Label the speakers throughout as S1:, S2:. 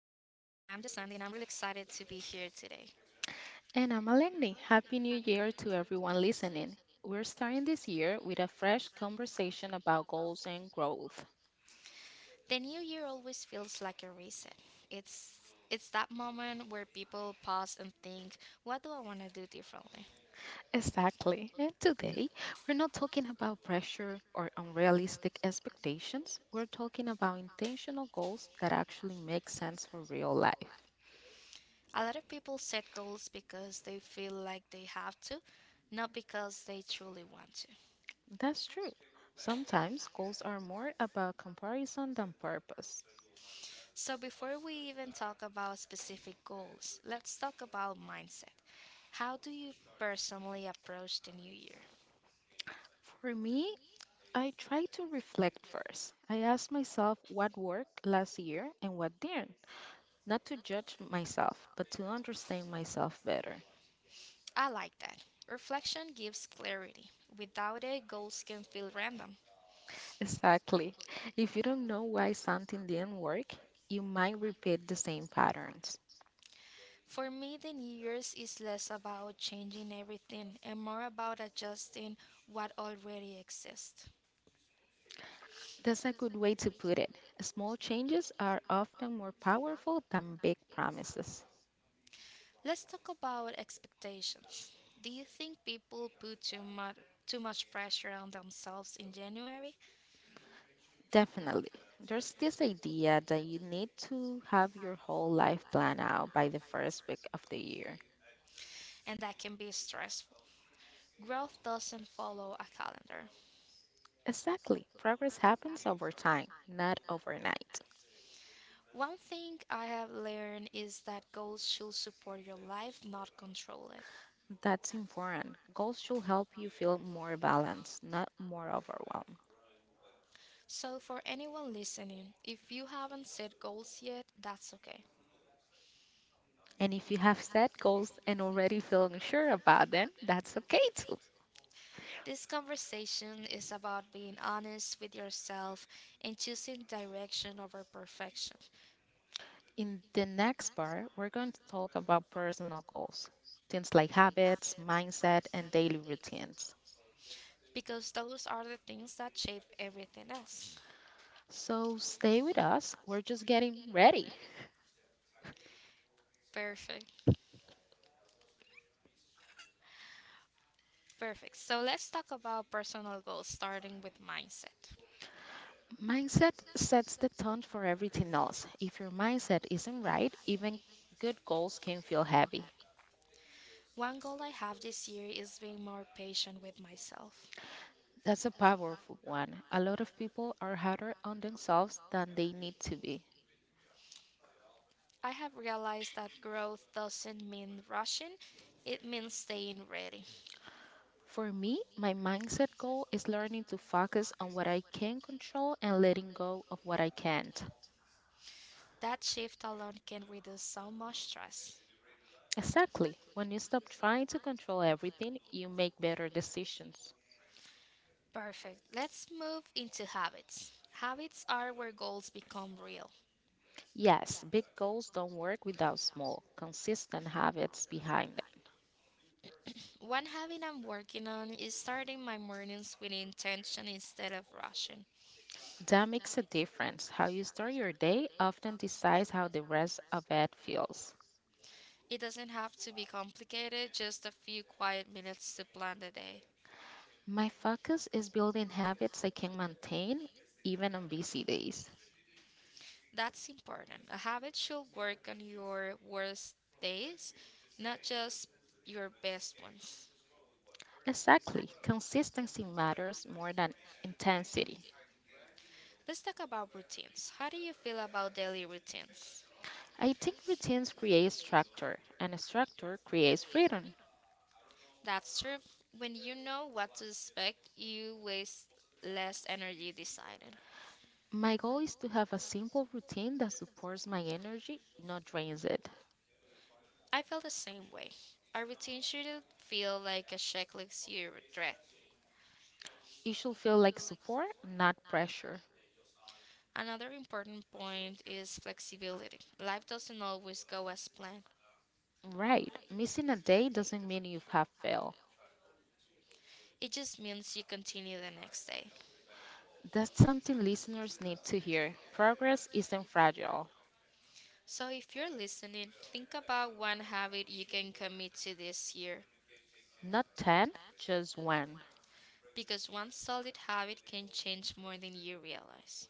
S1: Jasandi and I'm really excited to be here today.
S2: And I'm Alengni. Happy New Year to everyone listening. We're starting this year with a fresh conversation about goals and growth.
S1: The new year always feels like a reset. It's it's that moment where people pause and think, what do I want to do differently?
S2: Exactly. And today, we're not talking about pressure or unrealistic expectations. We're talking about intentional goals that actually make sense for real life.
S1: A lot of people set goals because they feel like they have to, not because they truly want to.
S2: That's true. Sometimes goals are more about comparison than purpose.
S1: So before we even talk about specific goals, let's talk about mindset. How do you personally approach the new year?
S2: For me, I try to reflect first. I ask myself what worked last year and what didn't. Not to judge myself, but to understand myself better.
S1: I like that. Reflection gives clarity. Without it, goals can feel random.
S2: Exactly. If you don't know why something didn't work, you might repeat the same patterns.
S1: For me, the New Year's is less about changing everything and more about adjusting what already exists.
S2: That's a good way to put it. Small changes are often more powerful than big promises.
S1: Let's talk about expectations. Do you think people put too much pressure on themselves in January
S2: Definitely. There's this idea that you need to have your whole life planned out by the first week of the year.
S1: and that can be stressful? Growth doesn't follow a calendar.
S2: Exactly. Progress happens over time, not overnight.
S1: One thing I have learned is that goals should support your life, not control it.
S2: That's important. Goals should help you feel more balanced, not more overwhelmed.
S1: So, for anyone listening, if you haven't set goals yet, that's okay.
S2: And if you have set goals and already feel unsure about them, that's okay too.
S1: This conversation is about being honest with yourself and choosing direction over perfection,
S2: In the next part, we're going to talk about personal goals, things like habits, mindset, and daily routines.
S1: because those are the things that shape everything else.
S2: So stay with us, we're just getting ready.
S1: Perfect. Perfect. So, let's talk about personal goals, starting with mindset.
S2: Mindset sets the tone for everything else. If your mindset isn't right, even good goals can feel heavy.
S1: One goal I have this year is being more patient with myself.
S2: That's a powerful one. A lot of people are harder on themselves than they need to be.
S1: I have realized that growth doesn't mean rushing, it means staying ready.
S2: For me, my mindset goal is learning to focus on what I can control and letting go of what I can't.
S1: That shift alone can reduce so much stress.
S2: Exactly. When you stop trying to control everything, you make better decisions.
S1: Perfect. Let's move into habits. Habits are where goals become real.
S2: Yes, big goals don't work without small, consistent habits behind them.
S1: One habit I'm working on is starting my mornings with intention instead of rushing.
S2: That makes a difference. How you start your day often decides how the rest of it feels.
S1: It doesn't have to be complicated, just a few quiet minutes to plan the day.
S2: My focus is building habits I can maintain even on busy days.
S1: That's important. A habit should work on your worst days, not just your best ones.
S2: Exactly, consistency matters more than intensity.
S1: Let's talk about routines. How do you feel about daily routines?
S2: I think routines create structure, and structure creates freedom.
S1: That's true. When you know what to expect, you waste less energy deciding.
S2: My goal is to have a simple routine that supports my energy, not drains it.
S1: I felt the same way. Our routine shouldn't feel like a checklist you regret.
S2: It should feel like support, not pressure.
S1: Another important point is flexibility. Life doesn't always go as planned.
S2: Right, missing a day doesn't mean you have failed.
S1: It just means you continue the next day.
S2: That's something listeners need to hear. Progress isn't fragile.
S1: So if you're listening, think about one habit you can commit to this year
S2: Not 10, just one.
S1: because one solid habit can change more than you realize.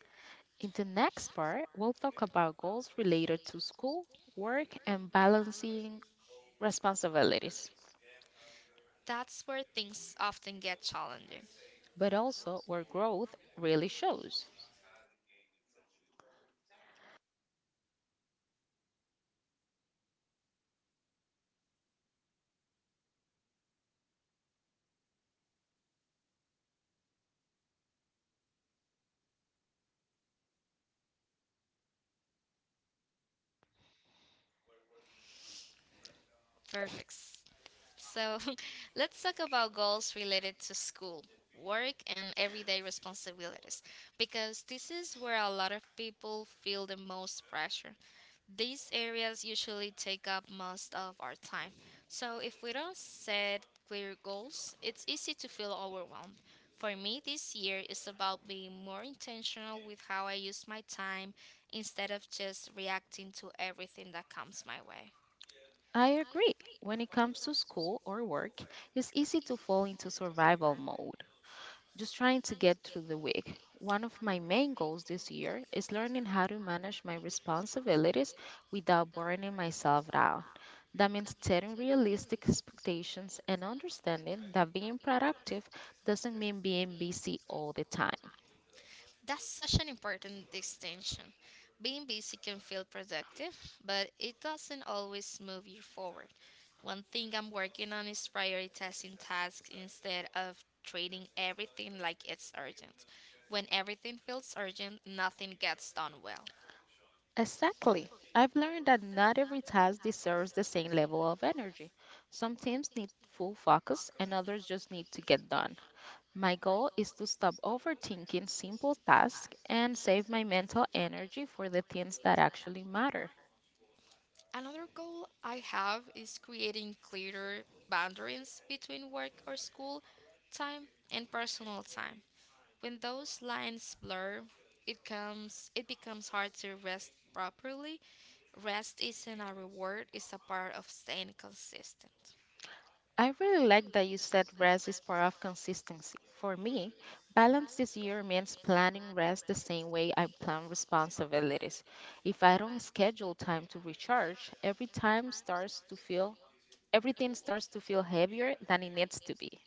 S2: In the next part, we'll talk about goals related to school, work, and balancing responsibilities,
S1: That's where things often get challenging.
S2: but also where growth really shows.
S1: Perfect. So let's talk about goals related to school, work, and everyday responsibilities because this is where a lot of people feel the most pressure. These areas usually take up most of our time. So if we don't set clear goals, it's easy to feel overwhelmed. For me, this year is about being more intentional with how I use my time instead of just reacting to everything that comes my way.
S2: I agree. When it comes to school or work, it's easy to fall into survival mode. Just trying to get through the week. One of my main goals this year is learning how to manage my responsibilities without burning myself out. That means setting realistic expectations and understanding that being productive doesn't mean being busy all the time.
S1: That's such an important distinction. Being busy can feel productive, but it doesn't always move you forward. One thing I'm working on is prioritizing tasks instead of treating everything like it's urgent. When everything feels urgent, nothing gets done well.
S2: Exactly. I've learned that not every task deserves the same level of energy. Some teams need full focus, and others just need to get done. My goal is to stop overthinking simple tasks and save my mental energy for the things that actually matter.
S1: Another goal I have is creating clearer boundaries between work or school time and personal time. When those lines blur, it becomes hard to rest properly. Rest isn't a reward, it's a part of staying consistent.
S2: I really like that you said rest is part of consistency. For me, balance this year means planning rest the same way I plan responsibilities. If I don't schedule time to recharge, everything starts to feel heavier than it needs to be.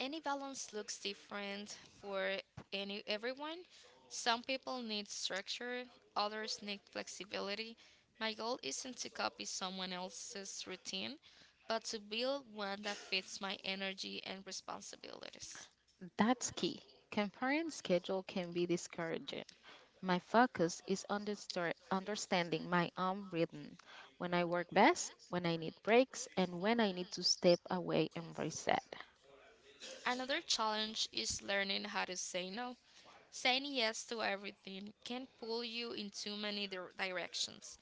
S1: Any balance looks different for any everyone. Some people need structure, others need flexibility. My goal isn't to copy someone else's routine, but to build one that fits my energy and responsibilities.
S2: That's key. Comparing schedule can be discouraging. My focus is on understanding my own rhythm, when I work best, when I need breaks, and when I need to step away and reset.
S1: Another challenge is learning how to say no. Saying yes to everything can pull you in too many directions.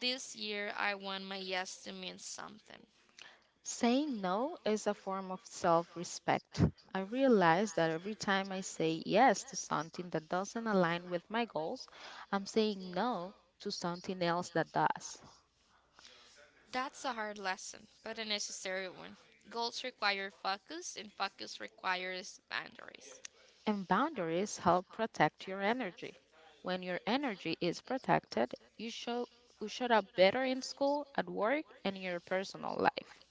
S1: This year, I want my yes to mean something.
S2: Saying no is a form of self respect. I realize that every time I say yes to something that doesn't align with my goals, I'm saying no to something else that does.
S1: That's a hard lesson, but a necessary one. Goals require focus, and focus requires boundaries.
S2: And boundaries help protect your energy. When your energy is protected, you showed up better in school, at work, and in your personal life.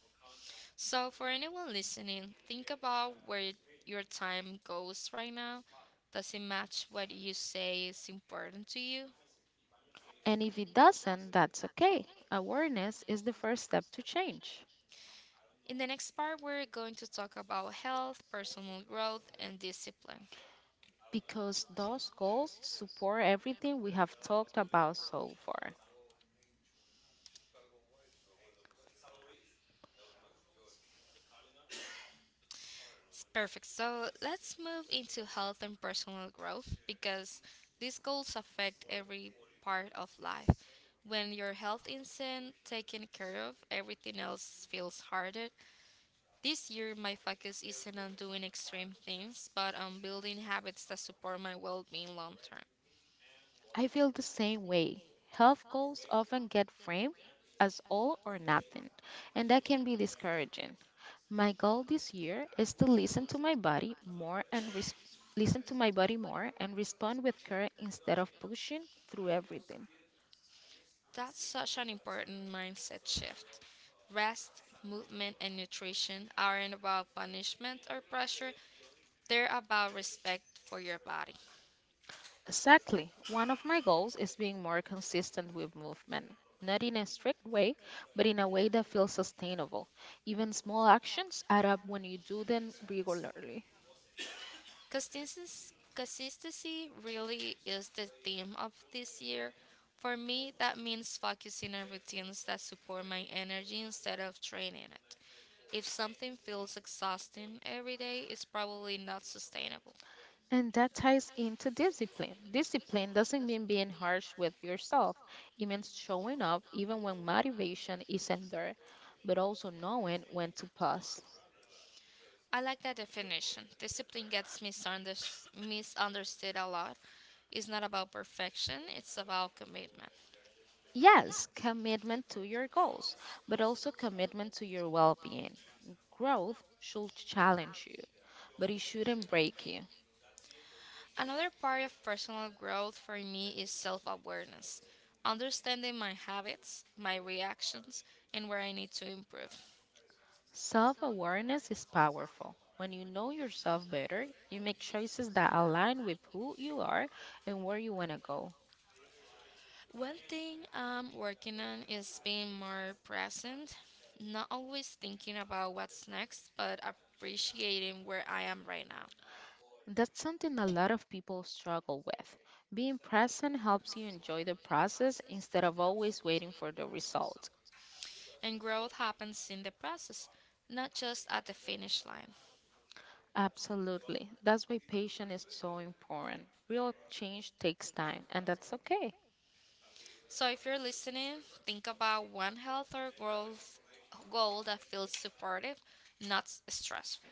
S1: So, for anyone listening, think about where your time goes right now. Does it match what you say is important to you?
S2: And if it doesn't, that's okay. Awareness is the first step to change
S1: In the next part, we're going to talk about health, personal growth, and discipline.
S2: because those goals support everything we have talked about so far.
S1: Perfect. So let's move into health and personal growth because these goals affect every part of life. When your health isn't taken care of, everything else feels harder. This year, my focus isn't on doing extreme things, but on building habits that support my well being long term.
S2: I feel the same way. Health goals often get framed as all or nothing, and that can be discouraging. My goal this year is to listen to my body more and respond with care instead of pushing through everything.
S1: That's such an important mindset shift. Rest, movement, and nutrition aren't about punishment or pressure, they're about respect for your body.
S2: Exactly. One of my goals is being more consistent with movement, not in a strict way, but in a way that feels sustainable. Even small actions add up when you do them regularly.
S1: Consistency really is the theme of this year. For me, that means focusing on routines that support my energy instead of draining it. If something feels exhausting every day, it's probably not sustainable.
S2: And that ties into discipline. Discipline doesn't mean being harsh with yourself. It means showing up even when motivation isn't there, but also knowing when to pause.
S1: I like that definition. Discipline gets misunderstood a lot. It's not about perfection, it's about commitment.
S2: Yes, commitment to your goals, but also commitment to your well being. Growth should challenge you, but it shouldn't break you.
S1: Another part of personal growth for me is self awareness, understanding my habits, my reactions, and where I need to improve.
S2: Self awareness is powerful. When you know yourself better, you make choices that align with who you are and where you want to go.
S1: One thing I'm working on is being more present, not always thinking about what's next, but appreciating where I am right now.
S2: That's something a lot of people struggle with. Being present helps you enjoy the process instead of always waiting for the result.
S1: And growth happens in the process, not just at the finish line.
S2: Absolutely. That's why patience is so important. Real change takes time, and that's okay.
S1: So if you're listening, think about one health or growth goal that feels supportive, not stressful.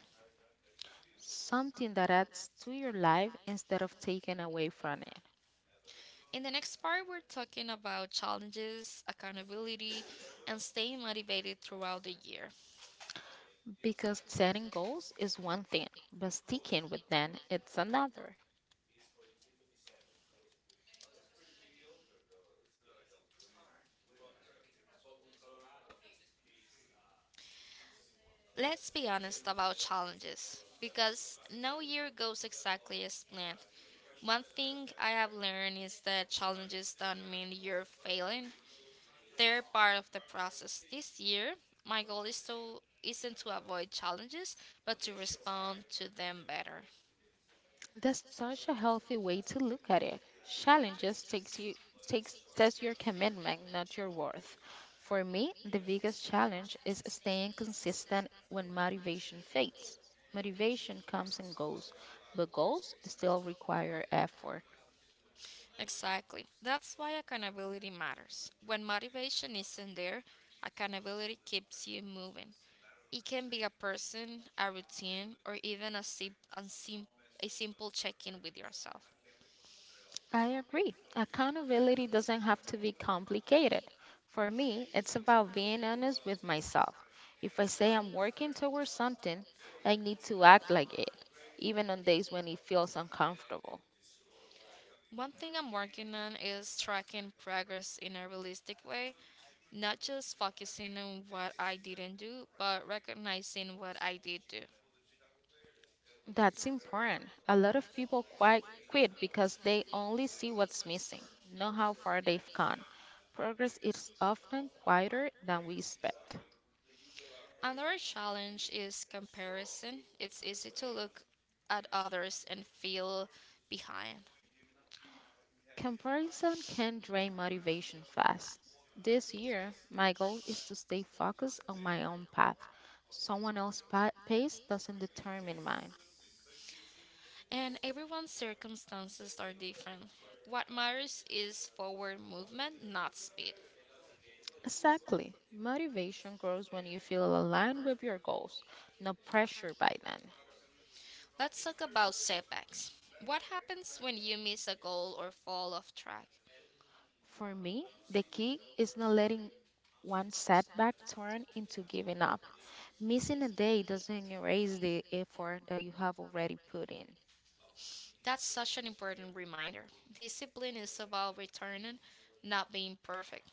S2: Something that adds to your life instead of taking away from it.
S1: In the next part, we're talking about challenges, accountability, and staying motivated throughout the year.
S2: Because setting goals is one thing, but sticking with them it's another.
S1: Let's be honest about challenges because no year goes exactly as planned. One thing I have learned is that challenges don't mean you're failing, they're part of the process. This year, my goal is to isn't to avoid challenges but to respond to them better.
S2: That's such a healthy way to look at it. Challenges takes you takes test your commitment, not your worth. For me, the biggest challenge is staying consistent when motivation fades. Motivation comes and goes, but goals still require effort.
S1: Exactly. That's why accountability matters. When motivation isn't there, accountability keeps you moving. It can be a person, a routine, or even a simple check in with yourself.
S2: I agree. Accountability doesn't have to be complicated. For me, it's about being honest with myself. If I say I'm working towards something, I need to act like it, even on days when it feels uncomfortable.
S1: One thing I'm working on is tracking progress in a realistic way, not just focusing on what I didn't do, but recognizing what I did do.
S2: That's important. A lot of people quit because they only see what's missing, not how far they've gone. Progress is often quieter than we expect.
S1: Another challenge is comparison. It's easy to look at others and feel behind.
S2: Comparison can drain motivation fast. This year, my goal is to stay focused on my own path. Someone else's pace doesn't determine mine.
S1: And everyone's circumstances are different. What matters is forward movement, not speed.
S2: Exactly. Motivation grows when you feel aligned with your goals, no pressure by then.
S1: Let's talk about setbacks. What happens when you miss a goal or fall off track?
S2: For me, the key is not letting one setback turn into giving up. Missing a day doesn't erase the effort that you have already put in.
S1: That's such an important reminder. Discipline is about returning, not being perfect.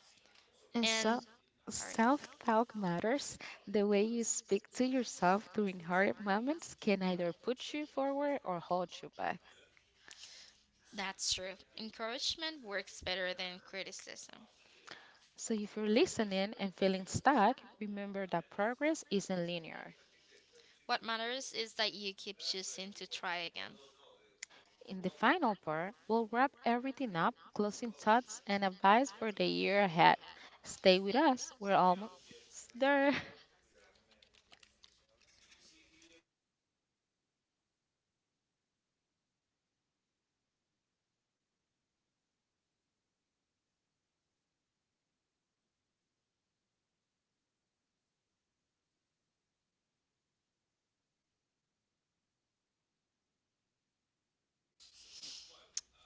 S2: And so,
S1: And, sorry.
S2: Self talk matters. The way you speak to yourself during hard moments can either put you forward or hold you back.
S1: That's true. Encouragement works better than criticism.
S2: So, if you're listening and feeling stuck, remember that progress isn't linear.
S1: What matters is that you keep choosing to try again.
S2: In the final part, we'll wrap everything up, closing thoughts and advice for the year ahead. Stay with us, we're almost there.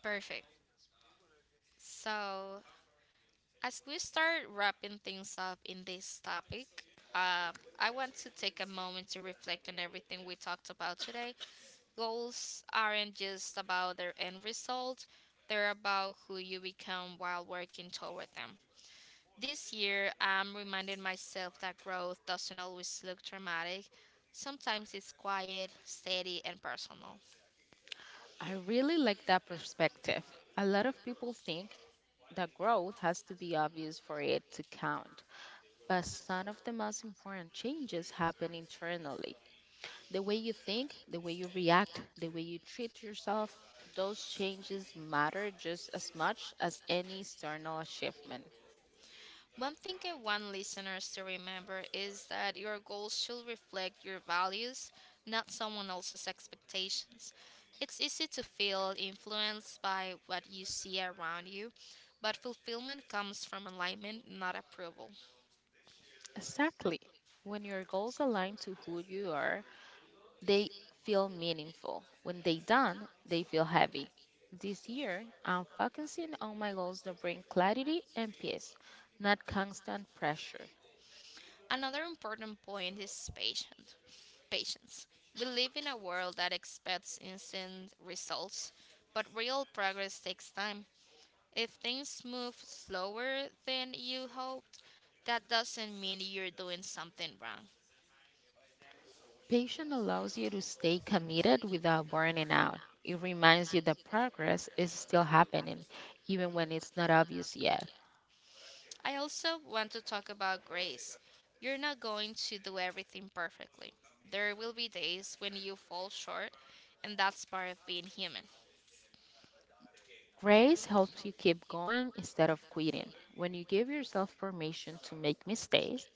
S1: Perfect. So, as we start wrapping things up in this topic, uh, I want to take a moment to reflect on everything we talked about today. Goals aren't just about their end result, they're about who you become while working toward them. This year, I'm reminding myself that growth doesn't always look dramatic. Sometimes it's quiet, steady, and personal.
S2: I really like that perspective. A lot of people think that growth has to be obvious for it to count. But some of the most important changes happen internally. The way you think, the way you react, the way you treat yourself, those changes matter just as much as any external achievement.
S1: One thing I want listeners to remember is that your goals should reflect your values, not someone else's expectations. It's easy to feel influenced by what you see around you, but fulfillment comes from alignment, not approval.
S2: Exactly. When your goals align to who you are, they feel meaningful. When they don't, they feel heavy. This year, I'm focusing on my goals that bring clarity and peace, not constant pressure.
S1: Another important point is patient. Patience. We live in a world that expects instant results, but real progress takes time. If things move slower than you hoped, that doesn't mean you're doing something wrong.
S2: Patience allows you to stay committed without burning out. It reminds you that progress is still happening, even when it's not obvious yet.
S1: I also want to talk about grace. You're not going to do everything perfectly. There will be days when you fall short, and that's part of being human.
S2: Grace helps you keep going instead of quitting. When you give yourself permission to make mistakes,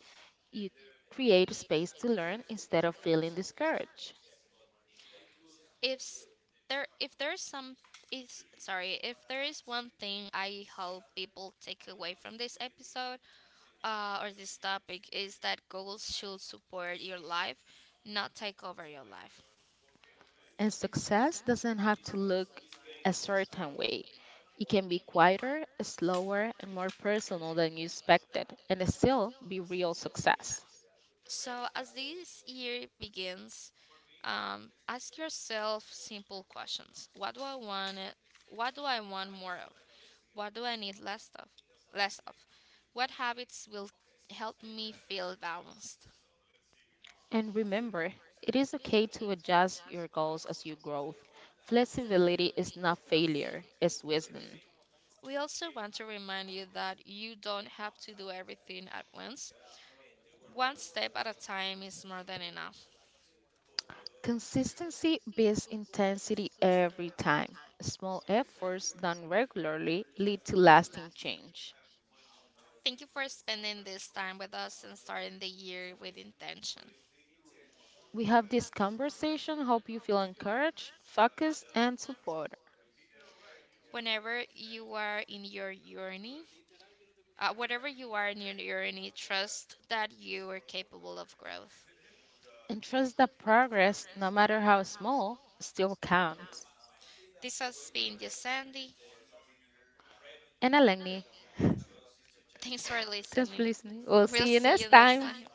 S2: you create space to learn instead of feeling discouraged.
S1: If s- there if there's some is sorry, if there is one thing I hope people take away from this episode or this topic is that goals should support your life, not take over your life.
S2: And success doesn't have to look a certain way. It can be quieter, slower, and more personal than you expected, and still be real success.
S1: So as this year begins, ask yourself simple questions. What do I want? What do I want more of? What do I need less of? Less of? What habits will help me feel balanced?
S2: And remember, it is okay to adjust your goals as you grow. Flexibility is not failure, it's wisdom.
S1: We also want to remind you that you don't have to do everything at once. One step at a time is more than enough.
S2: Consistency beats intensity every time. Small efforts done regularly lead to lasting change.
S1: Thank you for spending this time with us and starting the year with intention.
S2: We have this conversation. Hope you feel encouraged, focused, and supported.
S1: Whenever you are in your journey, whatever you are in your journey, trust that you are capable of growth.
S2: And trust that progress, no matter how small, still counts.
S1: This has been just Sandy.
S2: And Alengni,
S1: Thanks for
S2: thanks for
S1: listening.
S2: listening. We'll
S1: We'll
S2: see you
S1: see you
S2: next
S1: next
S2: time.
S1: time.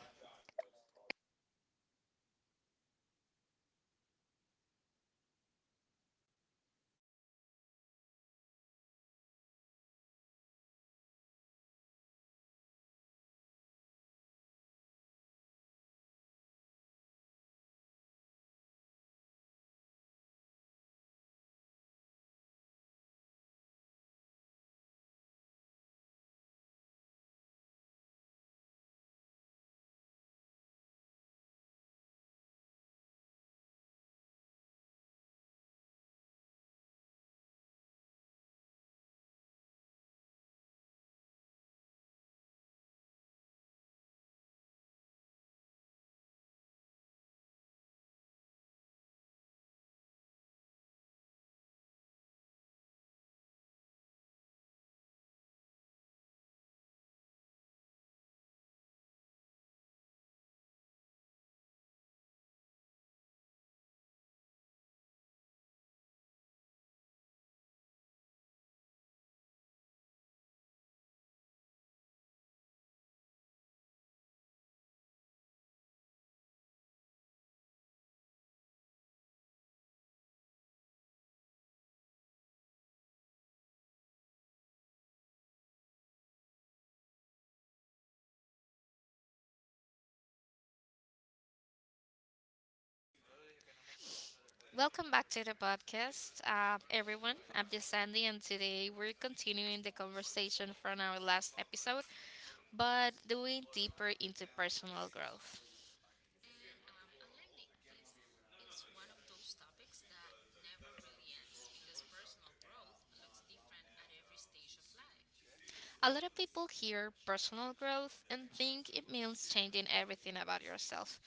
S1: Welcome back to the podcast, everyone. I'm just Sandy, and today we're continuing the conversation from our last episode, but doing deeper into personal growth. A lot of people hear personal growth and think it means changing everything about yourself.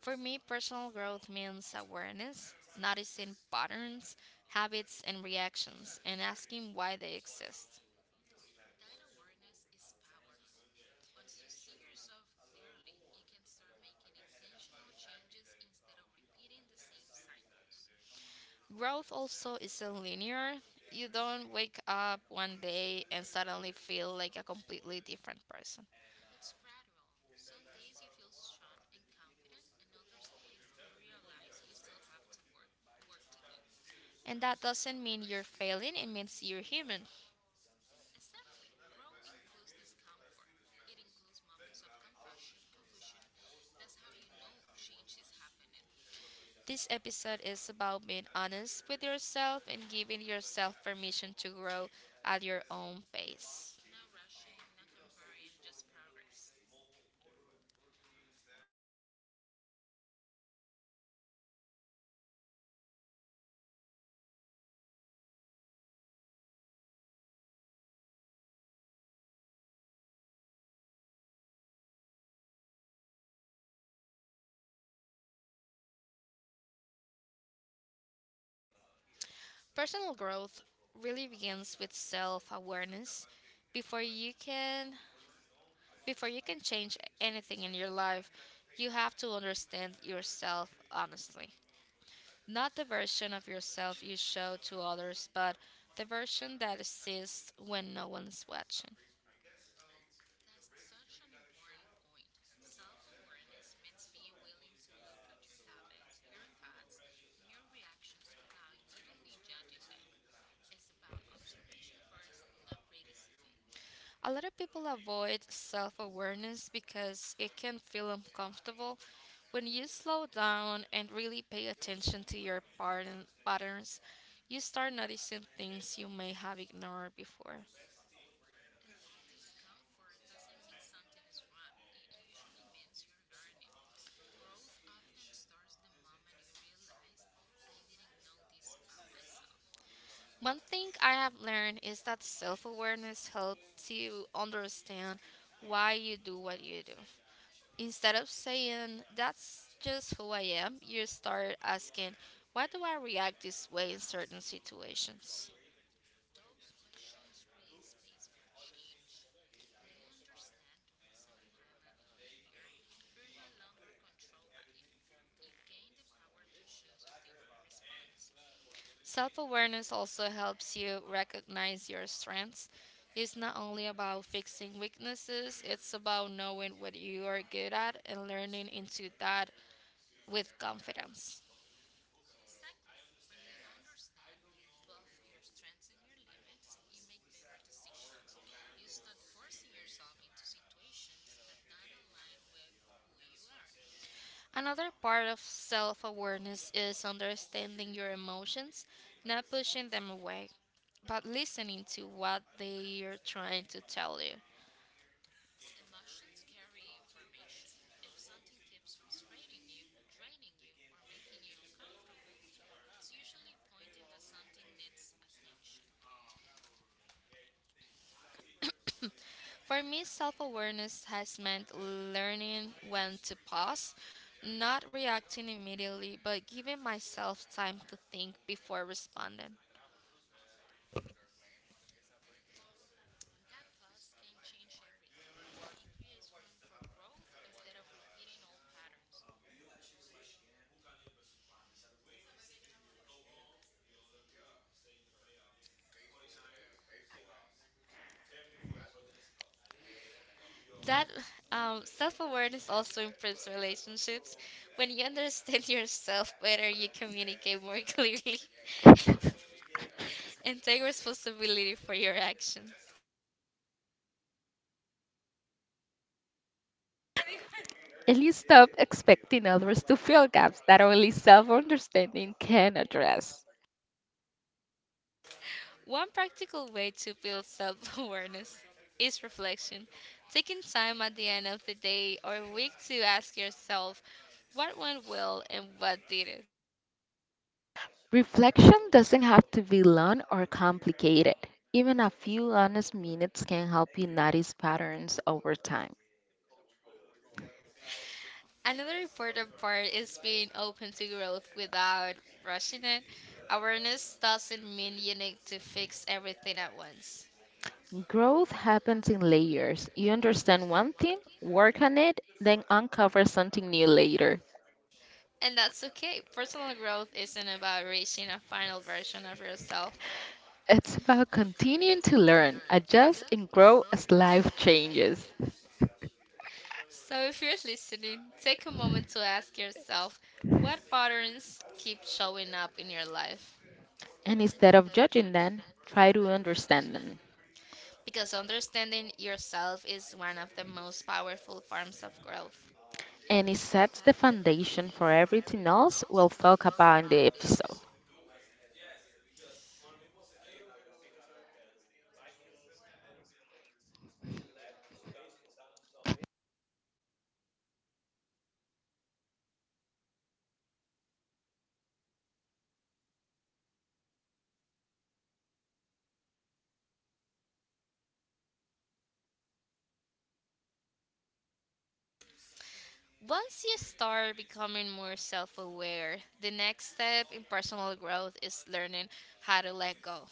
S1: For me, personal growth means awareness, noticing patterns, habits, and reactions, and asking why they exist. Growth also isn't linear. You don't wake up one day and suddenly feel like a completely different person. And that doesn't mean you're failing, it means you're human. This episode is about being honest with yourself and giving yourself permission to grow at your own pace. Personal growth really begins with self-awareness. Before you can before you can change anything in your life, you have to understand yourself honestly. Not the version of yourself you show to others, but the version that exists when no one's watching. A lot of people avoid self awareness because it can feel uncomfortable. When you slow down and really pay attention to your patterns, you start noticing things you may have ignored before. One thing I have learned is that self awareness helps you understand why you do what you do. Instead of saying, that's just who I am, you start asking, why do I react this way in certain situations? Self awareness also helps you recognize your strengths. It's not only about fixing weaknesses, it's about knowing what you are good at and learning into that with confidence. Another part of self awareness is understanding your emotions, not pushing them away, but listening to what they are trying to tell you. For me, self awareness has meant learning when to pause, not reacting immediately, but giving myself time to think before responding. That Self awareness also improves relationships. When you understand yourself better, you communicate more clearly and take responsibility for your actions.
S2: And you stop expecting others to fill gaps that only self understanding can address.
S1: One practical way to build self awareness is reflection. Taking time at the end of the day or week to ask yourself what went well and what didn't.
S2: Reflection doesn't have to be long or complicated. Even a few honest minutes can help you notice patterns over time.
S1: Another important part is being open to growth without rushing it. Awareness doesn't mean you need to fix everything at once.
S2: Growth happens in layers. You understand one thing, work on it, then uncover something new later.
S1: And that's okay. Personal growth isn't about reaching a final version of yourself.
S2: It's about continuing to learn, adjust, and grow as life changes.
S1: So, if you're listening, take a moment to ask yourself what patterns keep showing up in your life.
S2: And instead of judging them, try to understand them.
S1: Because understanding yourself is one of the most powerful forms of growth.
S2: And it sets the foundation for everything else we'll talk about in the episode.
S1: Once you start becoming more self aware, the next step in personal growth is learning how to let go.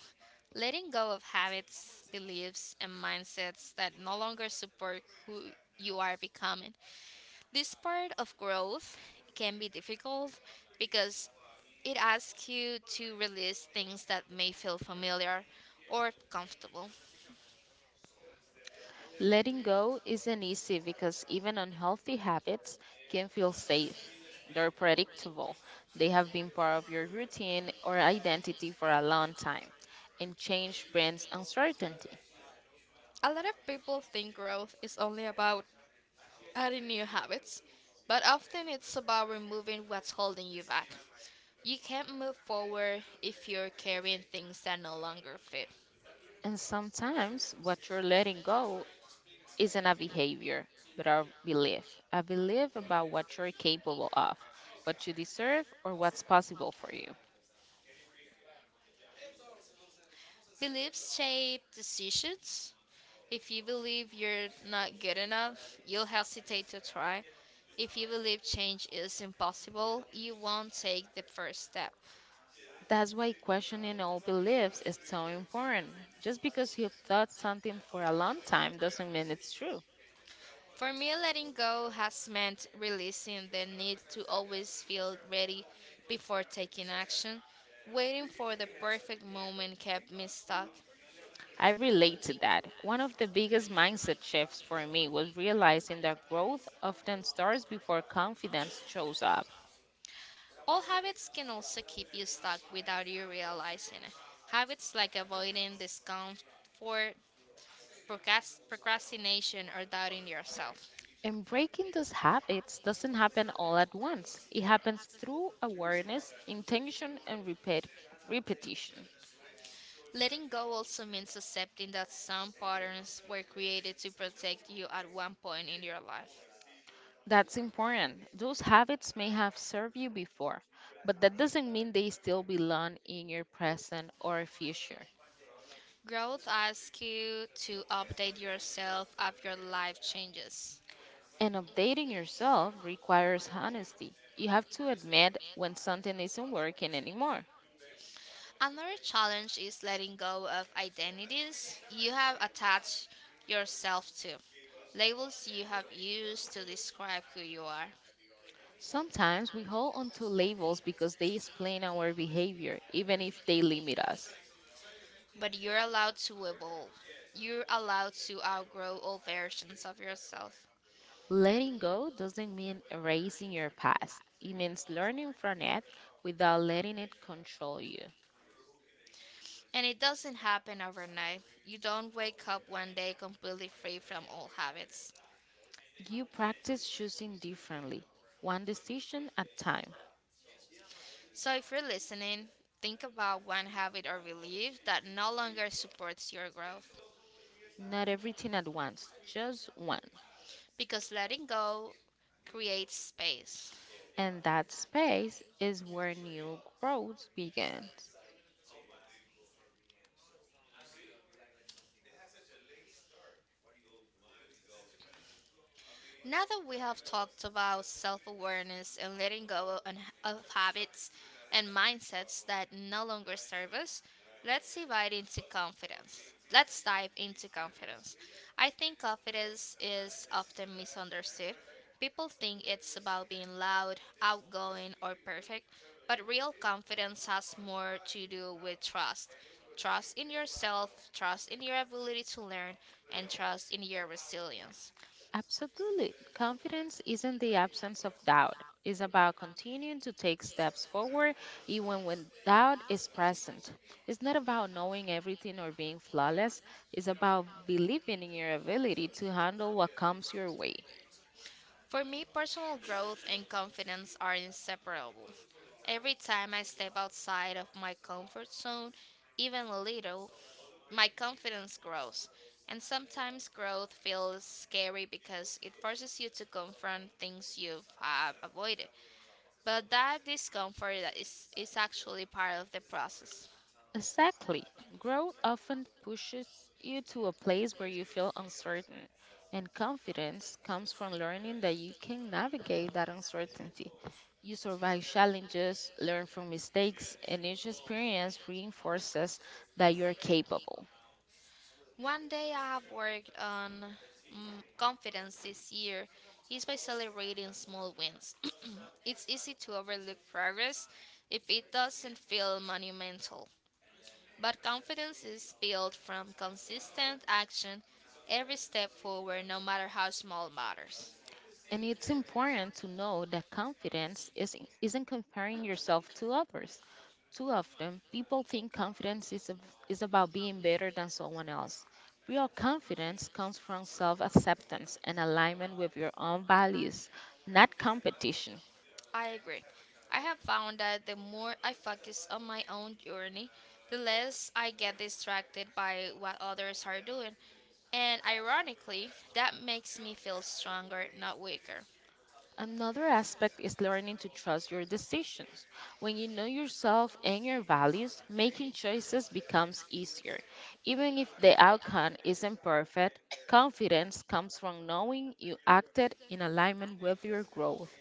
S1: Letting go of habits, beliefs, and mindsets that no longer support who you are becoming. This part of growth can be difficult because it asks you to release things that may feel familiar or comfortable.
S2: Letting go isn't easy because even unhealthy habits can feel safe. They're predictable. They have been part of your routine or identity for a long time, and change brings uncertainty.
S1: A lot of people think growth is only about adding new habits, but often it's about removing what's holding you back. You can't move forward if you're carrying things that no longer fit.
S2: And sometimes what you're letting go isn't a behavior, but a belief. A belief about what you're capable of, what you deserve, or what's possible for you.
S1: Beliefs shape decisions. If you believe you're not good enough, you'll hesitate to try. If you believe change is impossible, you won't take the first step.
S2: That's why questioning old beliefs is so important. Just because you've thought something for a long time doesn't mean it's true.
S1: For me, letting go has meant releasing the need to always feel ready before taking action. Waiting for the perfect moment kept me stuck.
S2: I relate to that. One of the biggest mindset shifts for me was realizing that growth often starts before confidence shows up.
S1: All habits can also keep you stuck without you realizing it. Habits like avoiding discomfort procrastination, or doubting yourself.
S2: And breaking those habits doesn't happen all at once, it happens through awareness, intention, and repetition.
S1: Letting go also means accepting that some patterns were created to protect you at one point in your life.
S2: That's important. Those habits may have served you before, but that doesn't mean they still belong in your present or future.
S1: Growth asks you to update yourself as your life changes.
S2: And updating yourself requires honesty. You have to admit when something isn't working anymore.
S1: Another challenge is letting go of identities you have attached yourself to, labels you have used to describe who you are.
S2: Sometimes we hold on to labels because they explain our behavior, even if they limit us.
S1: But you're allowed to evolve. You're allowed to outgrow all versions of yourself.
S2: Letting go doesn't mean erasing your past, it means learning from it without letting it control you.
S1: And it doesn't happen overnight. You don't wake up one day completely free from old habits.
S2: You practice choosing differently, one decision at time,
S1: So if you're listening, think about one habit or belief that no longer supports your growth
S2: not everything at once, just one.
S1: because letting go creates space.
S2: And that space is where new growth begins.
S1: Now that we have talked about self awareness and letting go of habits and mindsets that no longer serve us, let's divide into confidence. Let's dive into confidence. I think confidence is often misunderstood. People think it's about being loud, outgoing, or perfect, but real confidence has more to do with trust. Trust in yourself, trust in your ability to learn, and trust in your resilience.
S2: Absolutely. Confidence isn't the absence of doubt. It's about continuing to take steps forward even when doubt is present. It's not about knowing everything or being flawless. It's about believing in your ability to handle what comes your way.
S1: For me, personal growth and confidence are inseparable. Every time I step outside of my comfort zone, even a little, my confidence grows. And sometimes growth feels scary because it forces you to confront things you've avoided. But that discomfort that is actually part of the process.
S2: Exactly. Growth often pushes you to a place where you feel uncertain, and confidence comes from learning that you can navigate that uncertainty. You survive challenges, learn from mistakes, and each experience reinforces that you're capable.
S1: One day I have worked on confidence this year is by celebrating small wins. It's easy to overlook progress if it doesn't feel monumental, but confidence is built from consistent action every step forward, no matter how small matters.
S2: And it's important to know that isn't comparing yourself to others. Too often, people think is about being better than someone else. Real confidence comes from self acceptance and alignment with your own values, not competition.
S1: I agree. I have found that the more I focus on my own journey, the less I get distracted by what others are doing. And ironically, that makes me feel stronger, not weaker.
S2: Another aspect is learning to trust your decisions. When you know yourself and your values, making choices becomes easier. Even if the outcome isn't perfect, confidence comes from knowing you acted in alignment with your growth.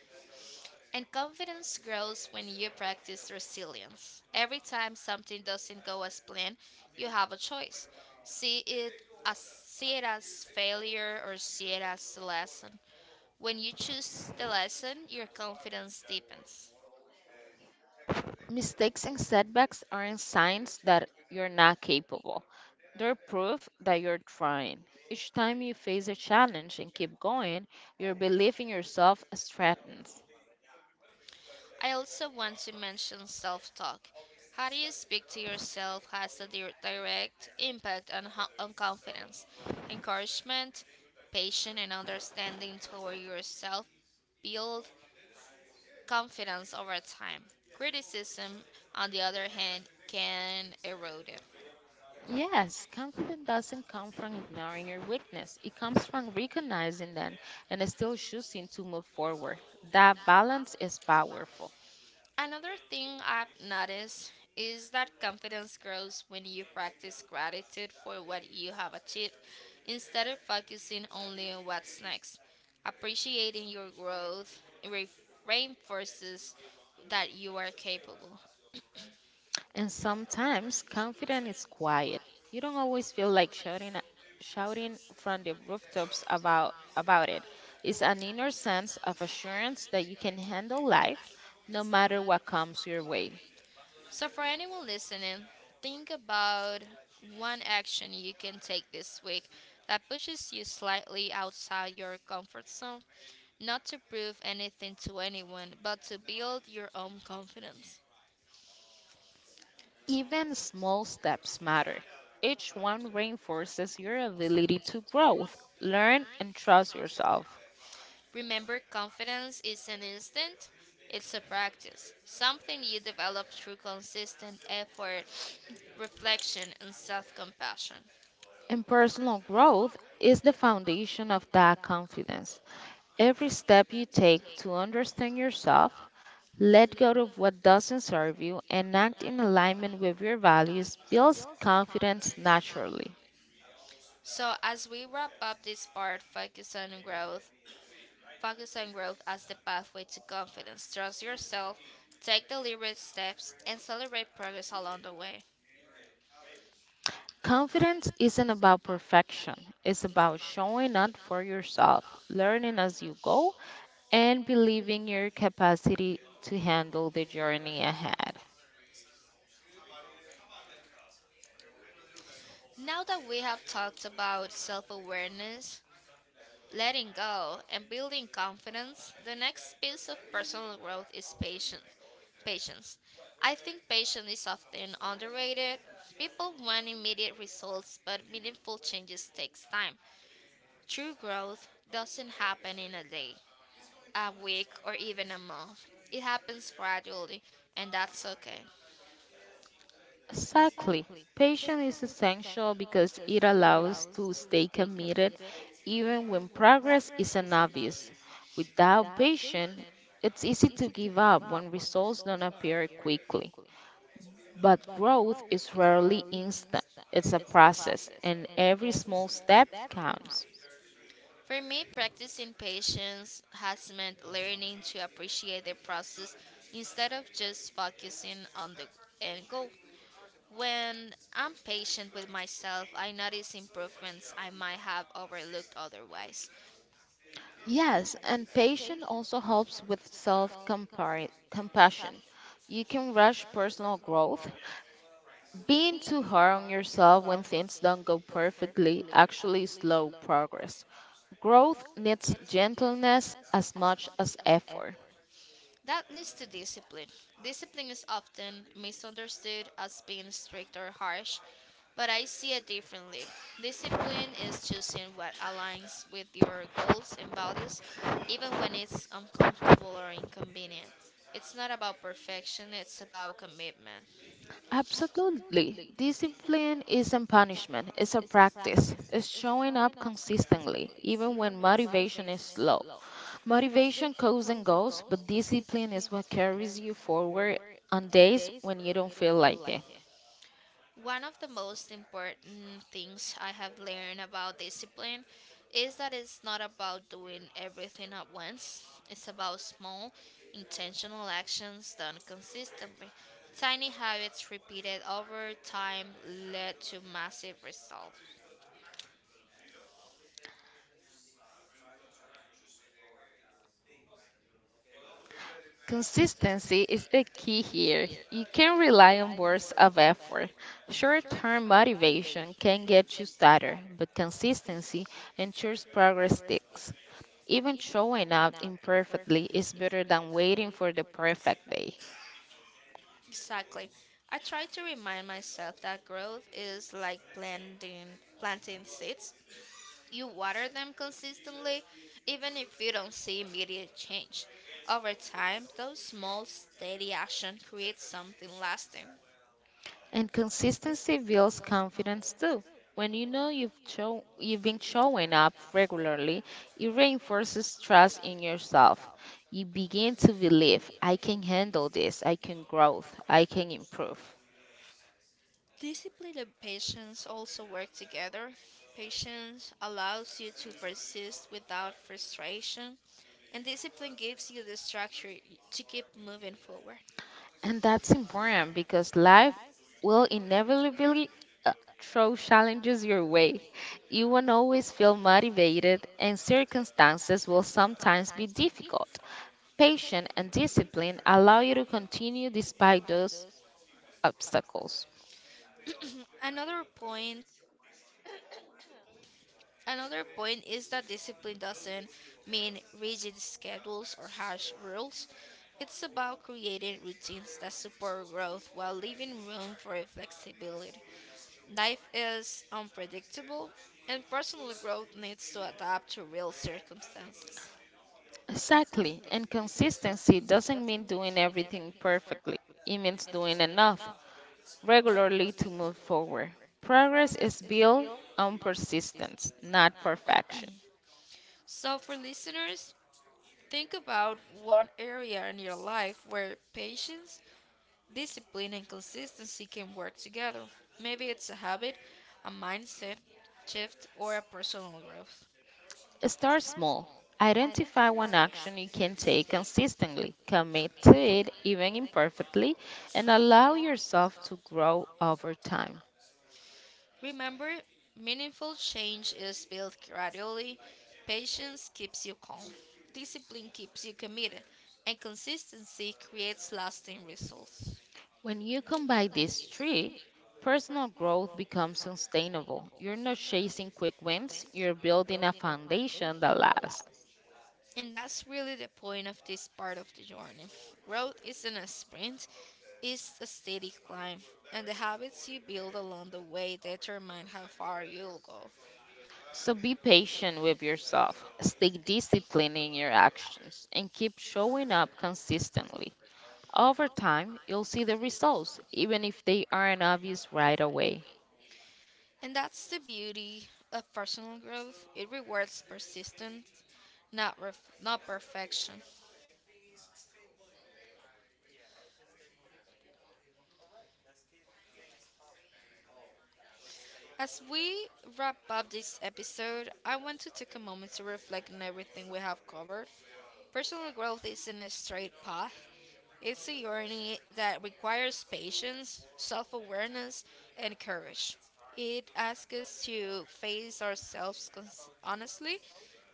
S1: And confidence grows when you practice resilience. Every time something doesn't go as planned, you have a choice. See it See it as failure or see it as a lesson. When you choose the lesson, your confidence deepens.
S2: Mistakes and setbacks aren't signs that you're not capable. They're proof that you're trying. Each time you face a challenge and keep going, your belief in yourself strengthens.
S1: I also want to mention self talk. How do you speak to yourself has a direct impact on confidence, encouragement, patience, and understanding toward yourself build confidence over time. Criticism, on the other hand, can erode it.
S2: Yes, confidence doesn't come from ignoring your weakness. It comes from recognizing them and still choosing to move forward. That balance is powerful.
S1: Another thing I've noticed is that confidence grows when you practice gratitude for what you have achieved instead of focusing only on what's next. Appreciating your growth reinforces that you are capable.
S2: And sometimes confidence is quiet. You don't always feel like shouting from the rooftops about it. It's an inner sense of assurance that you can handle life no matter what comes your way.
S1: So, for anyone listening, think about one action you can take this week that pushes you slightly outside your comfort zone, not to prove anything to anyone, but to build your own confidence.
S2: Even small steps matter. Each one reinforces your ability to grow, learn and trust yourself.
S1: Remember, confidence is an instant, it's a practice, something you develop through consistent effort, reflection, and self compassion.
S2: And personal growth is the foundation of that confidence. Every step you take to understand yourself, let go of what doesn't serve you and act in alignment with your values builds confidence naturally.
S1: So, as we wrap up this part focused on growth, focus on growth as the pathway to confidence. Trust yourself, take deliberate steps, and celebrate progress along the way.
S2: Confidence isn't about perfection, it's about showing up for yourself, learning as you go, and believing your capacity to handle the journey ahead.
S1: Now that we have talked about self awareness, letting go, and building confidence, the next piece of personal growth is patience. Patience. I think patience is often underrated. People want immediate results, but meaningful changes takes time. True growth doesn't happen in a day. A week, or even a month. It happens gradually, and that's okay.
S2: Exactly. Patience is essential because it allows to stay committed even when progress isn't obvious. Without patience, it's easy to give up when results don't appear quickly. But growth is rarely instant. It's a process, and every small step counts.
S1: For me, practicing patience has meant learning to appreciate the process instead of just focusing on the end goal. When I'm patient with myself, I notice improvements I might have overlooked otherwise.
S2: Yes, and patience also helps with self compassion. You can rush personal growth. Being too hard on yourself when things don't go perfectly actually slow progress. Growth needs gentleness as much as effort.
S1: That leads to discipline. Discipline is often misunderstood as being strict or harsh, but I see it differently. Discipline is choosing what aligns with your goals and values, even when it's uncomfortable or inconvenient. It's not about perfection, it's about commitment.
S2: Absolutely. Discipline isn't punishment, it's a practice. It's showing up consistently, even when motivation is low. Motivation comes and goes, but discipline is what carries you forward on days when you don't feel like it.
S1: One of the most important things I have learned about discipline is that it's not about doing everything at once. It's about small, intentional actions done consistently. Tiny habits repeated over time lead to massive results.
S2: Consistency is the key here. You can rely on bursts of effort. Short term motivation can get you started, but consistency ensures progress sticks. Even showing up imperfectly is better than waiting for the perfect day.
S1: Exactly. I try to remind myself that growth is like planting seeds. You water them consistently, even if you don't see immediate change. Over time, those small, steady actions create something lasting.
S2: And consistency builds confidence too. When you know you've been showing up regularly, it reinforces trust in yourself. You begin to believe, I can handle this, I can grow, I can improve.
S1: Discipline and patience also work together. Patience allows you to persist without frustration, and discipline gives you the structure to keep moving forward.
S2: And that's important because life will inevitably uh, throw challenges your way. You won't always feel motivated, and circumstances will sometimes be difficult. Patience and discipline allow you to continue despite those obstacles.
S1: Another point Another point is that discipline doesn't mean rigid schedules or harsh rules. It's about creating routines that support growth while leaving room for flexibility. Life is unpredictable, and personal growth needs to adapt to real circumstances.
S2: Exactly. And consistency doesn't mean doing everything perfectly, it means doing enough regularly to move forward. Progress is built on persistence, not perfection.
S1: So, for listeners, think about one area in your life where patience, discipline and consistency can work together. Maybe it's a habit, a mindset shift, or a personal growth.
S2: Start small. Identify one action you can take consistently, commit to it even imperfectly, and allow yourself to grow over time.
S1: Remember, meaningful change is built gradually. Patience keeps you calm, discipline keeps you committed, and consistency creates lasting results.
S2: When you combine these three, personal growth becomes sustainable. You're not chasing quick wins, you're building a foundation that lasts.
S1: And that's really the point of this part of the journey. Growth isn't a sprint, it's a steady climb, and the habits you build along the way determine how far you'll go.
S2: So be patient with yourself, stay disciplined in your actions, and keep showing up consistently. Over time, you'll see the results, even if they aren't obvious right away.
S1: And that's the beauty of personal growth. It rewards persistence, not perfection. As we wrap up this episode, I want to take a moment to reflect on everything we have covered. Personal growth isn't a straight path. It's a journey that requires patience, self awareness, and courage. It asks us to face ourselves honestly,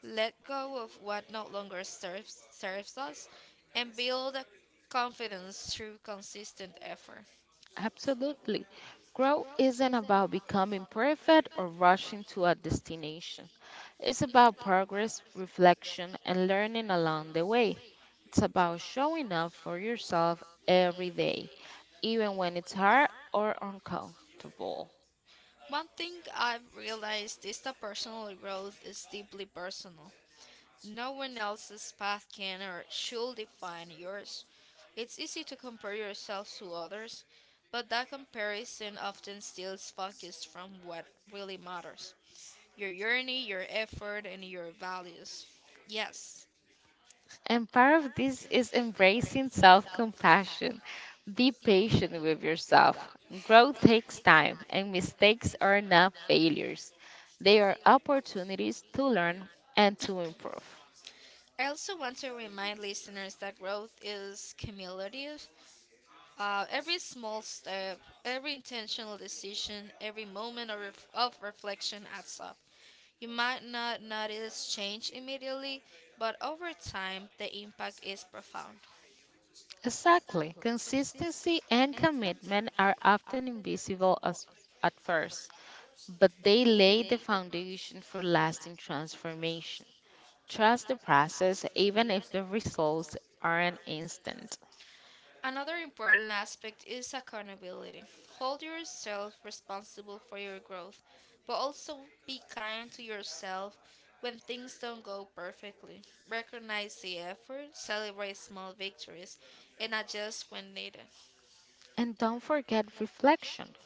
S1: let go of what no serves us, and build a confidence through consistent effort.
S2: Absolutely. Growth isn't about becoming perfect or rushing to a destination. It's about progress, reflection, and learning along the way. It's about showing up for yourself every day, even when it's hard or uncomfortable.
S1: One thing I've realized is that personal growth is deeply personal. No one else's path can or should define yours. It's easy to compare yourself to others, but that comparison often steals focus from what really matters your journey, your effort, and your values. Yes.
S2: And part of this is embracing self compassion. Be patient with yourself. Growth takes time, and mistakes are not failures. They are opportunities to learn and to improve.
S1: I also want to remind listeners that growth is cumulative. Every small step, every intentional decision, every moment of reflection adds up. You might not notice change immediately, but over time, the impact is profound.
S2: Exactly. Consistency and commitment are often invisible as, at first, but they lay the foundation for lasting transformation. Trust the process, even if the results aren't instant.
S1: Another important aspect is accountability. Hold yourself responsible for your growth, but also be kind to yourself when things don't go perfectly. Recognize the effort, celebrate small victories, and adjust when needed.
S2: And don't forget reflection.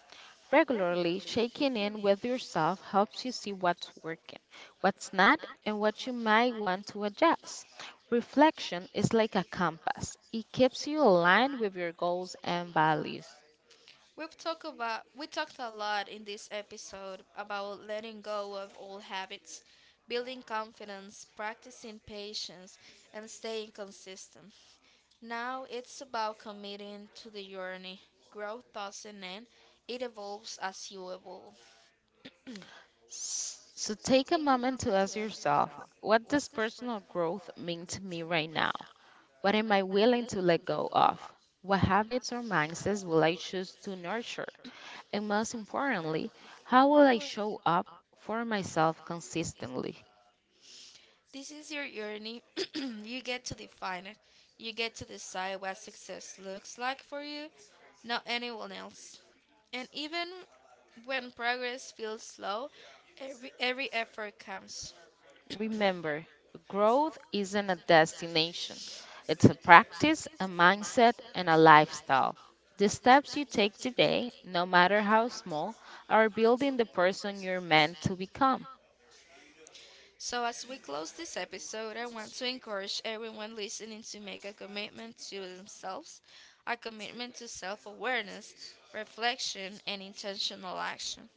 S2: Regularly checking in with yourself helps you see what's working, what's not, and what you might want to adjust. Reflection is like a compass, it keeps you aligned with your goals and values.
S1: We talked a lot in this episode about letting go of old habits, building confidence, practicing patience, and staying consistent. Now it's about committing to the journey. Growth doesn't end; it evolves as you evolve.
S2: So take a moment to ask yourself, what does personal growth mean to me right now? What am I willing to let go of? What habits or mindsets will I choose to nurture? And most importantly, how will I show up for myself consistently?
S1: This is your journey. You get to define it. You get to decide what success looks like for you, not anyone else. And even when progress feels slow, every effort counts.
S2: Remember, growth isn't a destination, it's a practice, a mindset, and a lifestyle. The steps you take today, no matter how small, are building the person you're meant to become.
S1: So, as we close this episode, I want to encourage everyone listening to make a commitment to themselves, a commitment to self awareness, reflection, and intentional action.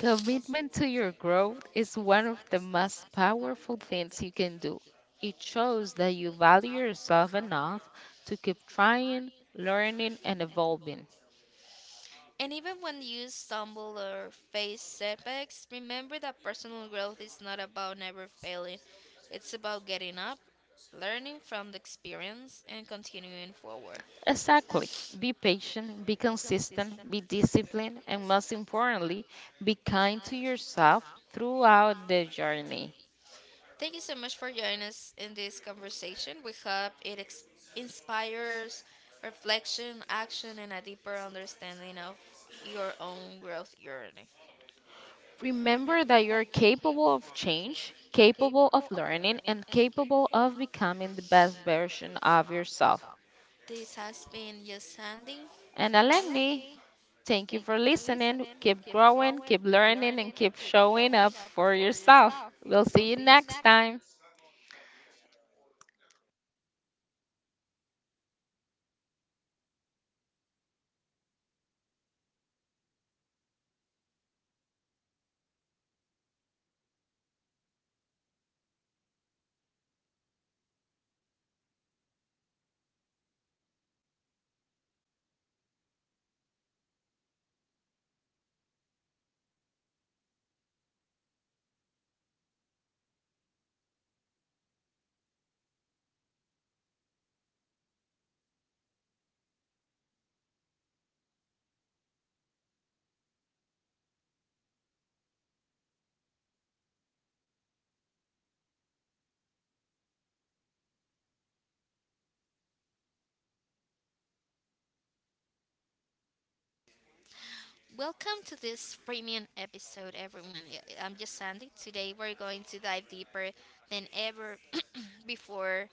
S2: Commitment to your growth is one of the most powerful things you can do. It shows that you value yourself enough to keep trying, learning, and evolving.
S1: And even when you stumble or face setbacks, remember that personal growth is not about never failing. It's about getting up, learning from the experience, and continuing forward.
S2: Exactly. Be patient, be consistent, be disciplined, and most importantly, be kind to yourself throughout the journey.
S1: Thank you so much for joining us in this conversation. We hope it inspires reflection, action, and a deeper understanding of your own growth journey.
S2: Remember that you're capable of change, capable of learning, and capable of becoming the best version of yourself.
S1: This has been Yo Sandy.
S2: And Alagni, thank you for listening. Keep growing, keep learning, and keep showing up for yourself. We'll see you next time.
S1: Welcome to this premium episode, everyone. I'm just Sandy. Today we're going to dive deeper than ever before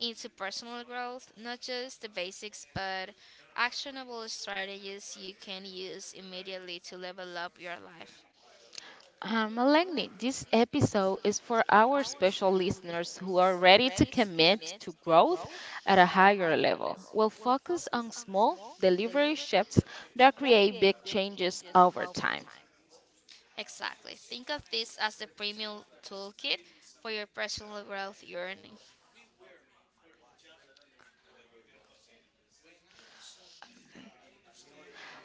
S1: into personal growth, not just the basics, but actionable strategies you can use immediately to level up your life.
S2: Melanie, this episode is for our special listeners who are ready to commit to growth at a higher level. We'll focus on small, delivery shifts that create big changes over time.
S1: Exactly. Think of this as the premium toolkit for your personal growth journey.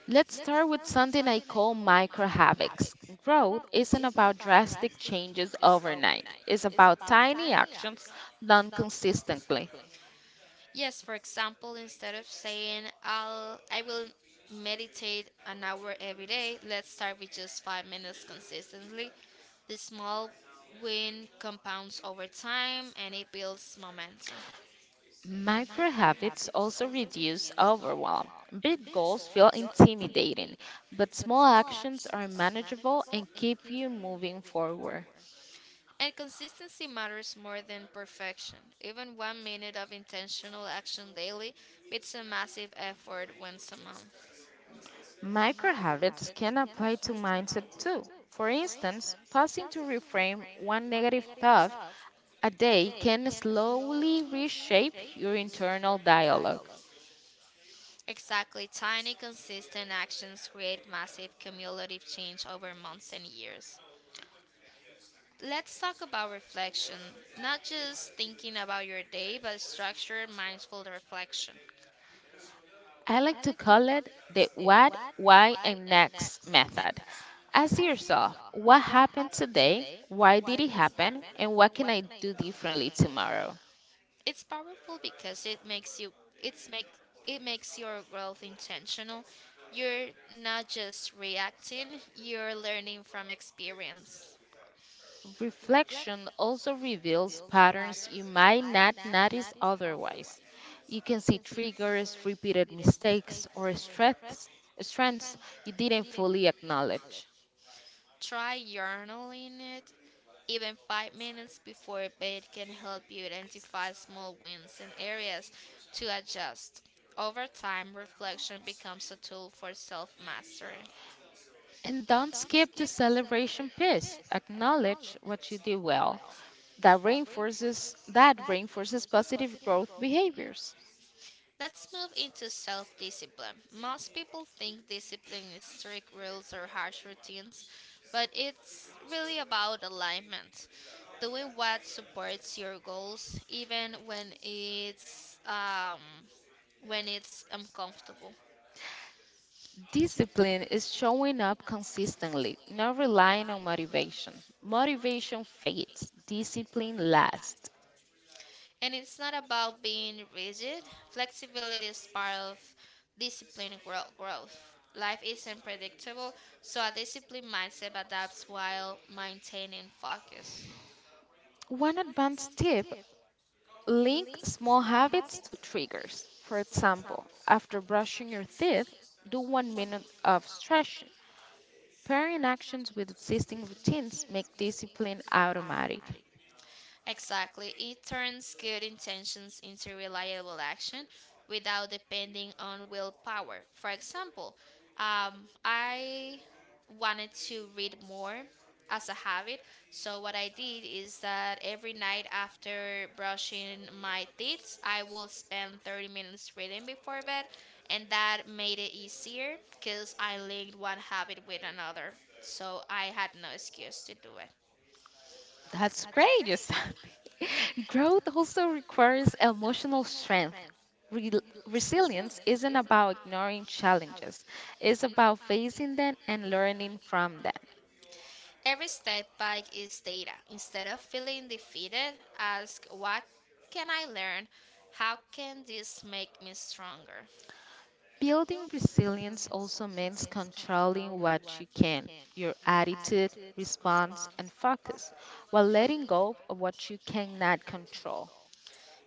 S2: Let's start with something I call micro habits. Growth isn't about drastic changes overnight, it's about tiny actions done consistently.
S1: Yes, for example, instead of saying I will meditate an hour every day, let's start with just 5 minutes consistently. The small win compounds over time, and it builds momentum.
S2: Micro habits also reduce overwhelm. Big goals feel intimidating, but small actions are manageable and keep you moving forward.
S1: And consistency matters more than perfection. Even 1 minute of intentional action daily beats a massive effort once a month.
S2: Micro habits can apply to mindset too. For instance, pausing to reframe one negative thought a day can slowly reshape your internal dialogue.
S1: Exactly, tiny consistent actions create massive cumulative change over months and years. Let's talk about reflection, not just thinking about your day, but structured, mindful reflection.
S2: I like to call it the what, why, and next method. Ask yourself what happened today, why did it happen, and what can I do differently tomorrow?
S1: It's powerful because it's make it makes your growth intentional. You're not just reacting, you're learning from experience.
S2: Reflection also reveals patterns you might not notice otherwise. You can see triggers, repeated mistakes, or strengths you didn't fully acknowledge.
S1: Try journaling it. Even 5 minutes before bed can help you identify small wins and areas to adjust. Over time, reflection becomes a tool for self mastery.
S2: And don't skip the celebration piece. Acknowledge what you did well that reinforces positive growth behaviors.
S1: Let's move into self discipline. Most people think discipline is strict rules or harsh routines, but it's really about alignment. Doing what supports your goals, even when it's uncomfortable.
S2: Discipline is showing up consistently, not relying on motivation. Motivation fades, discipline lasts.
S1: And it's not about being rigid. Flexibility is part of growth. Life isn't predictable, so a disciplined mindset adapts while maintaining focus.
S2: One advanced tip, link small habits to triggers. For example, after brushing your teeth, do 1 minute of stretching. Pairing actions with existing routines make discipline automatic.
S1: Exactly. It turns good intentions into reliable action without depending on willpower. For example, I wanted to read more as a habit. So, what I did is that every night after brushing my teeth, I will spend 30 minutes reading before bed, and that made it easier because I linked one habit with another. So, I had no excuse to do it.
S2: That's great, Yosabi. Growth also requires emotional strength. Rel Resilience isn't about ignoring challenges, it's about facing them and learning from them.
S1: Every step back is data. Instead of feeling defeated, ask what can I learn? How can this make me stronger?
S2: Building resilience also means controlling what you can, your attitude, response, and focus, while letting go of what you cannot control.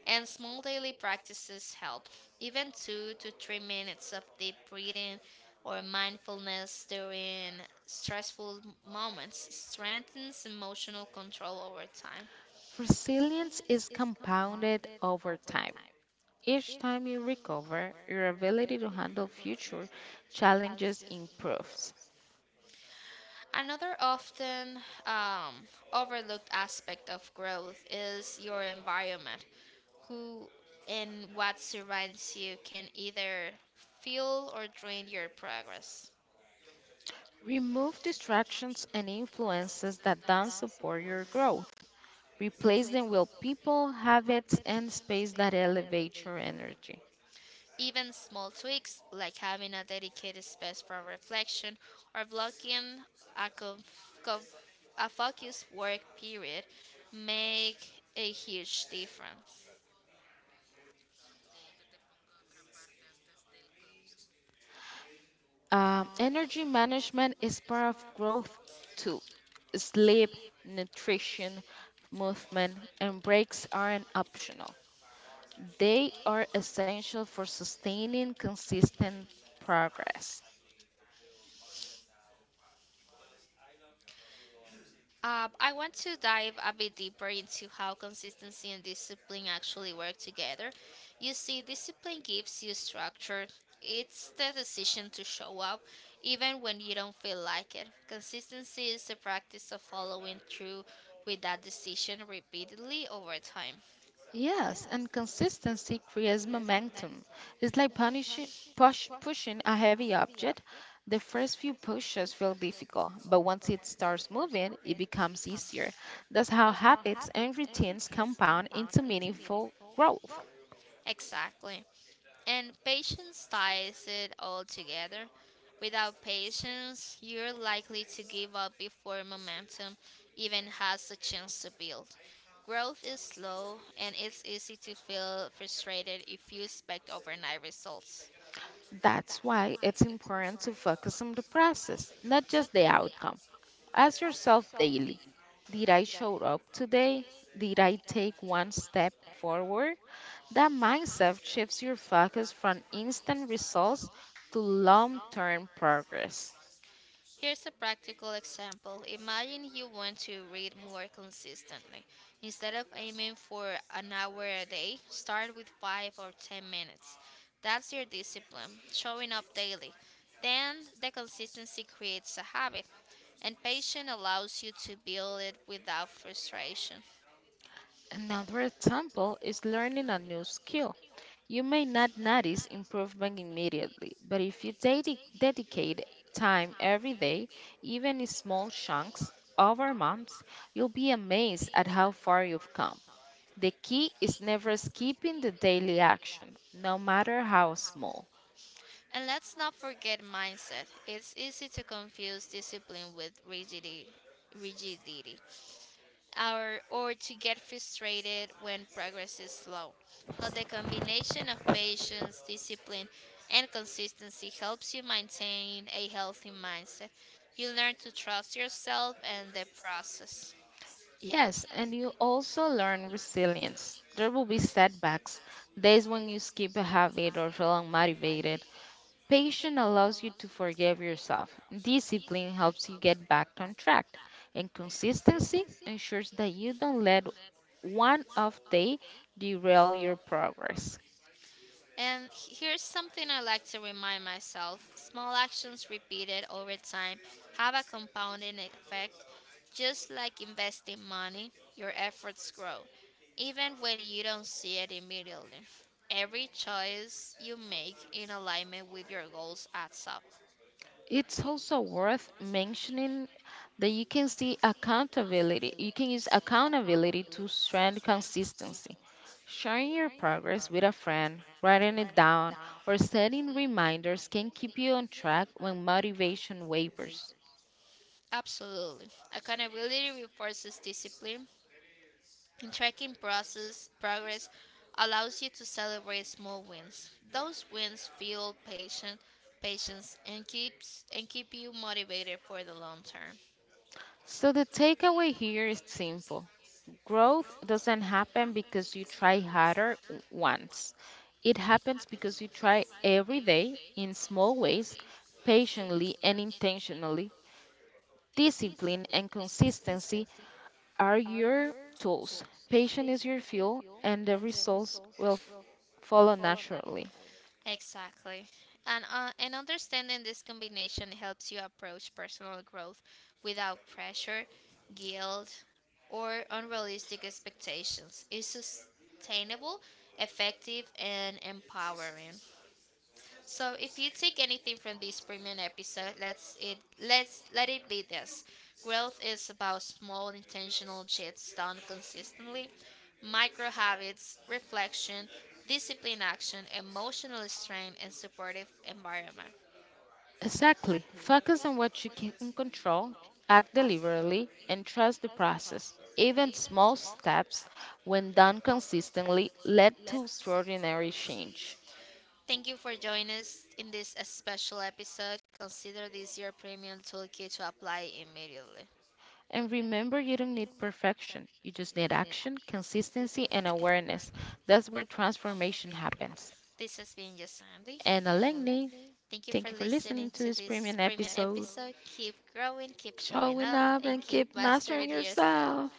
S1: And small daily practices help. Even 2 to 3 minutes of deep breathing or mindfulness during stressful moments strengthens emotional control over time.
S2: Resilience is compounded over time. Each time you recover, your ability to handle future challenges improves.
S1: Another often overlooked aspect of growth is your environment. Who and what surrounds you can either fuel or drain your progress.
S2: Remove distractions and influences that don't support your growth. Replace them with people, habits, and space that elevate your energy.
S1: Even small tweaks, like having a dedicated space for reflection or blocking a, conf- conf- a focused work period, make a huge difference.
S2: Energy management is part of growth too. Sleep, nutrition, movement, and breaks aren't optional. They are essential for sustaining consistent progress.
S1: I want to dive a bit deeper into how consistency and discipline actually work together. You see, discipline gives you structure. It's the decision to show up even when you don't feel like it. Consistency is the practice of following through with that decision repeatedly over time.
S2: Yes, and consistency creates momentum. It's like pushing a heavy object. The first few pushes feel difficult, but once it starts moving, it becomes easier. That's how habits and routines compound into meaningful growth.
S1: Exactly. And patience ties it all together. Without patience, you're likely to give up before momentum even has a chance to build. Growth is slow, and it's easy to feel frustrated if you expect overnight results.
S2: That's why it's important to focus on the process, not just the outcome. Ask yourself daily, did I show up today? Did I take one step forward? That mindset shifts your focus from instant results to long term progress.
S1: Here's a practical example. Imagine you want to read more consistently. Instead of aiming for an hour a day, start with 5 or 10 minutes. That's your discipline, showing up daily. Then the consistency creates a habit, and patience allows you to build it without frustration.
S2: Another example is learning a new skill. You may not notice improvement immediately, but if you dedicate time every day, even in small chunks over months, you'll be amazed at how far you've come. The key is never skipping the daily action, no matter how small.
S1: And let's not forget mindset. It's easy to confuse discipline with rigidity, or to get frustrated when progress is slow. But the combination of patience, discipline, and consistency helps you maintain a healthy mindset. You learn to trust yourself and the process.
S2: Yes, and you also learn resilience. There will be setbacks, days when you skip a habit or feel unmotivated. Patience allows you to forgive yourself. Discipline helps you get back on track. And consistency ensures that you don't let one off day derail your progress.
S1: And here's something I like to remind myself: small actions repeated over time have a compounding effect. Just like investing money, your efforts grow, even when you don't see it immediately. Every choice you make in alignment with your goals adds up.
S2: It's also worth mentioning that you can see accountability. You can use accountability to strengthen consistency. Sharing your progress with a friend, writing it down, or setting reminders can keep you on track when motivation wavers.
S1: Absolutely. Accountability reinforces discipline, and tracking process progress allows you to celebrate small wins. Those wins fuel patient patience and keep you motivated for the long term.
S2: So, the takeaway here is simple, growth doesn't happen because you try once, it happens because you try every day in small ways, patiently, and intentionally. Discipline and consistency are your tools. Patience is your fuel, and the results will follow naturally.
S1: Exactly. And understanding this combination helps you approach personal growth without pressure, guilt, or unrealistic expectations. It's sustainable, effective, and empowering. So if you take anything from this premium episode, let it be this. Growth is about small intentional shifts done consistently, micro habits, reflection, discipline action, emotional strength, and supportive environment.
S2: Exactly. Focus on what you can control, act deliberately, and trust the process. Even small steps, when done consistently, lead to extraordinary change.
S1: Thank you for joining us in this special episode. Consider this your premium toolkit to apply immediately.
S2: And remember, you don't need perfection. You just need action, consistency, and awareness. That's where transformation happens.
S1: This has been Just Sandy.
S2: And Alengni,
S1: Thank you for
S2: thank you for
S1: listening
S2: listening to
S1: to
S2: this
S1: this
S2: premium
S1: premium
S2: episode.
S1: episode. Keep growing, keep showing
S2: Showing
S1: up,
S2: up
S1: and
S2: and
S1: keep
S2: keep
S1: mastering
S2: mastering
S1: yourself.
S2: yourself.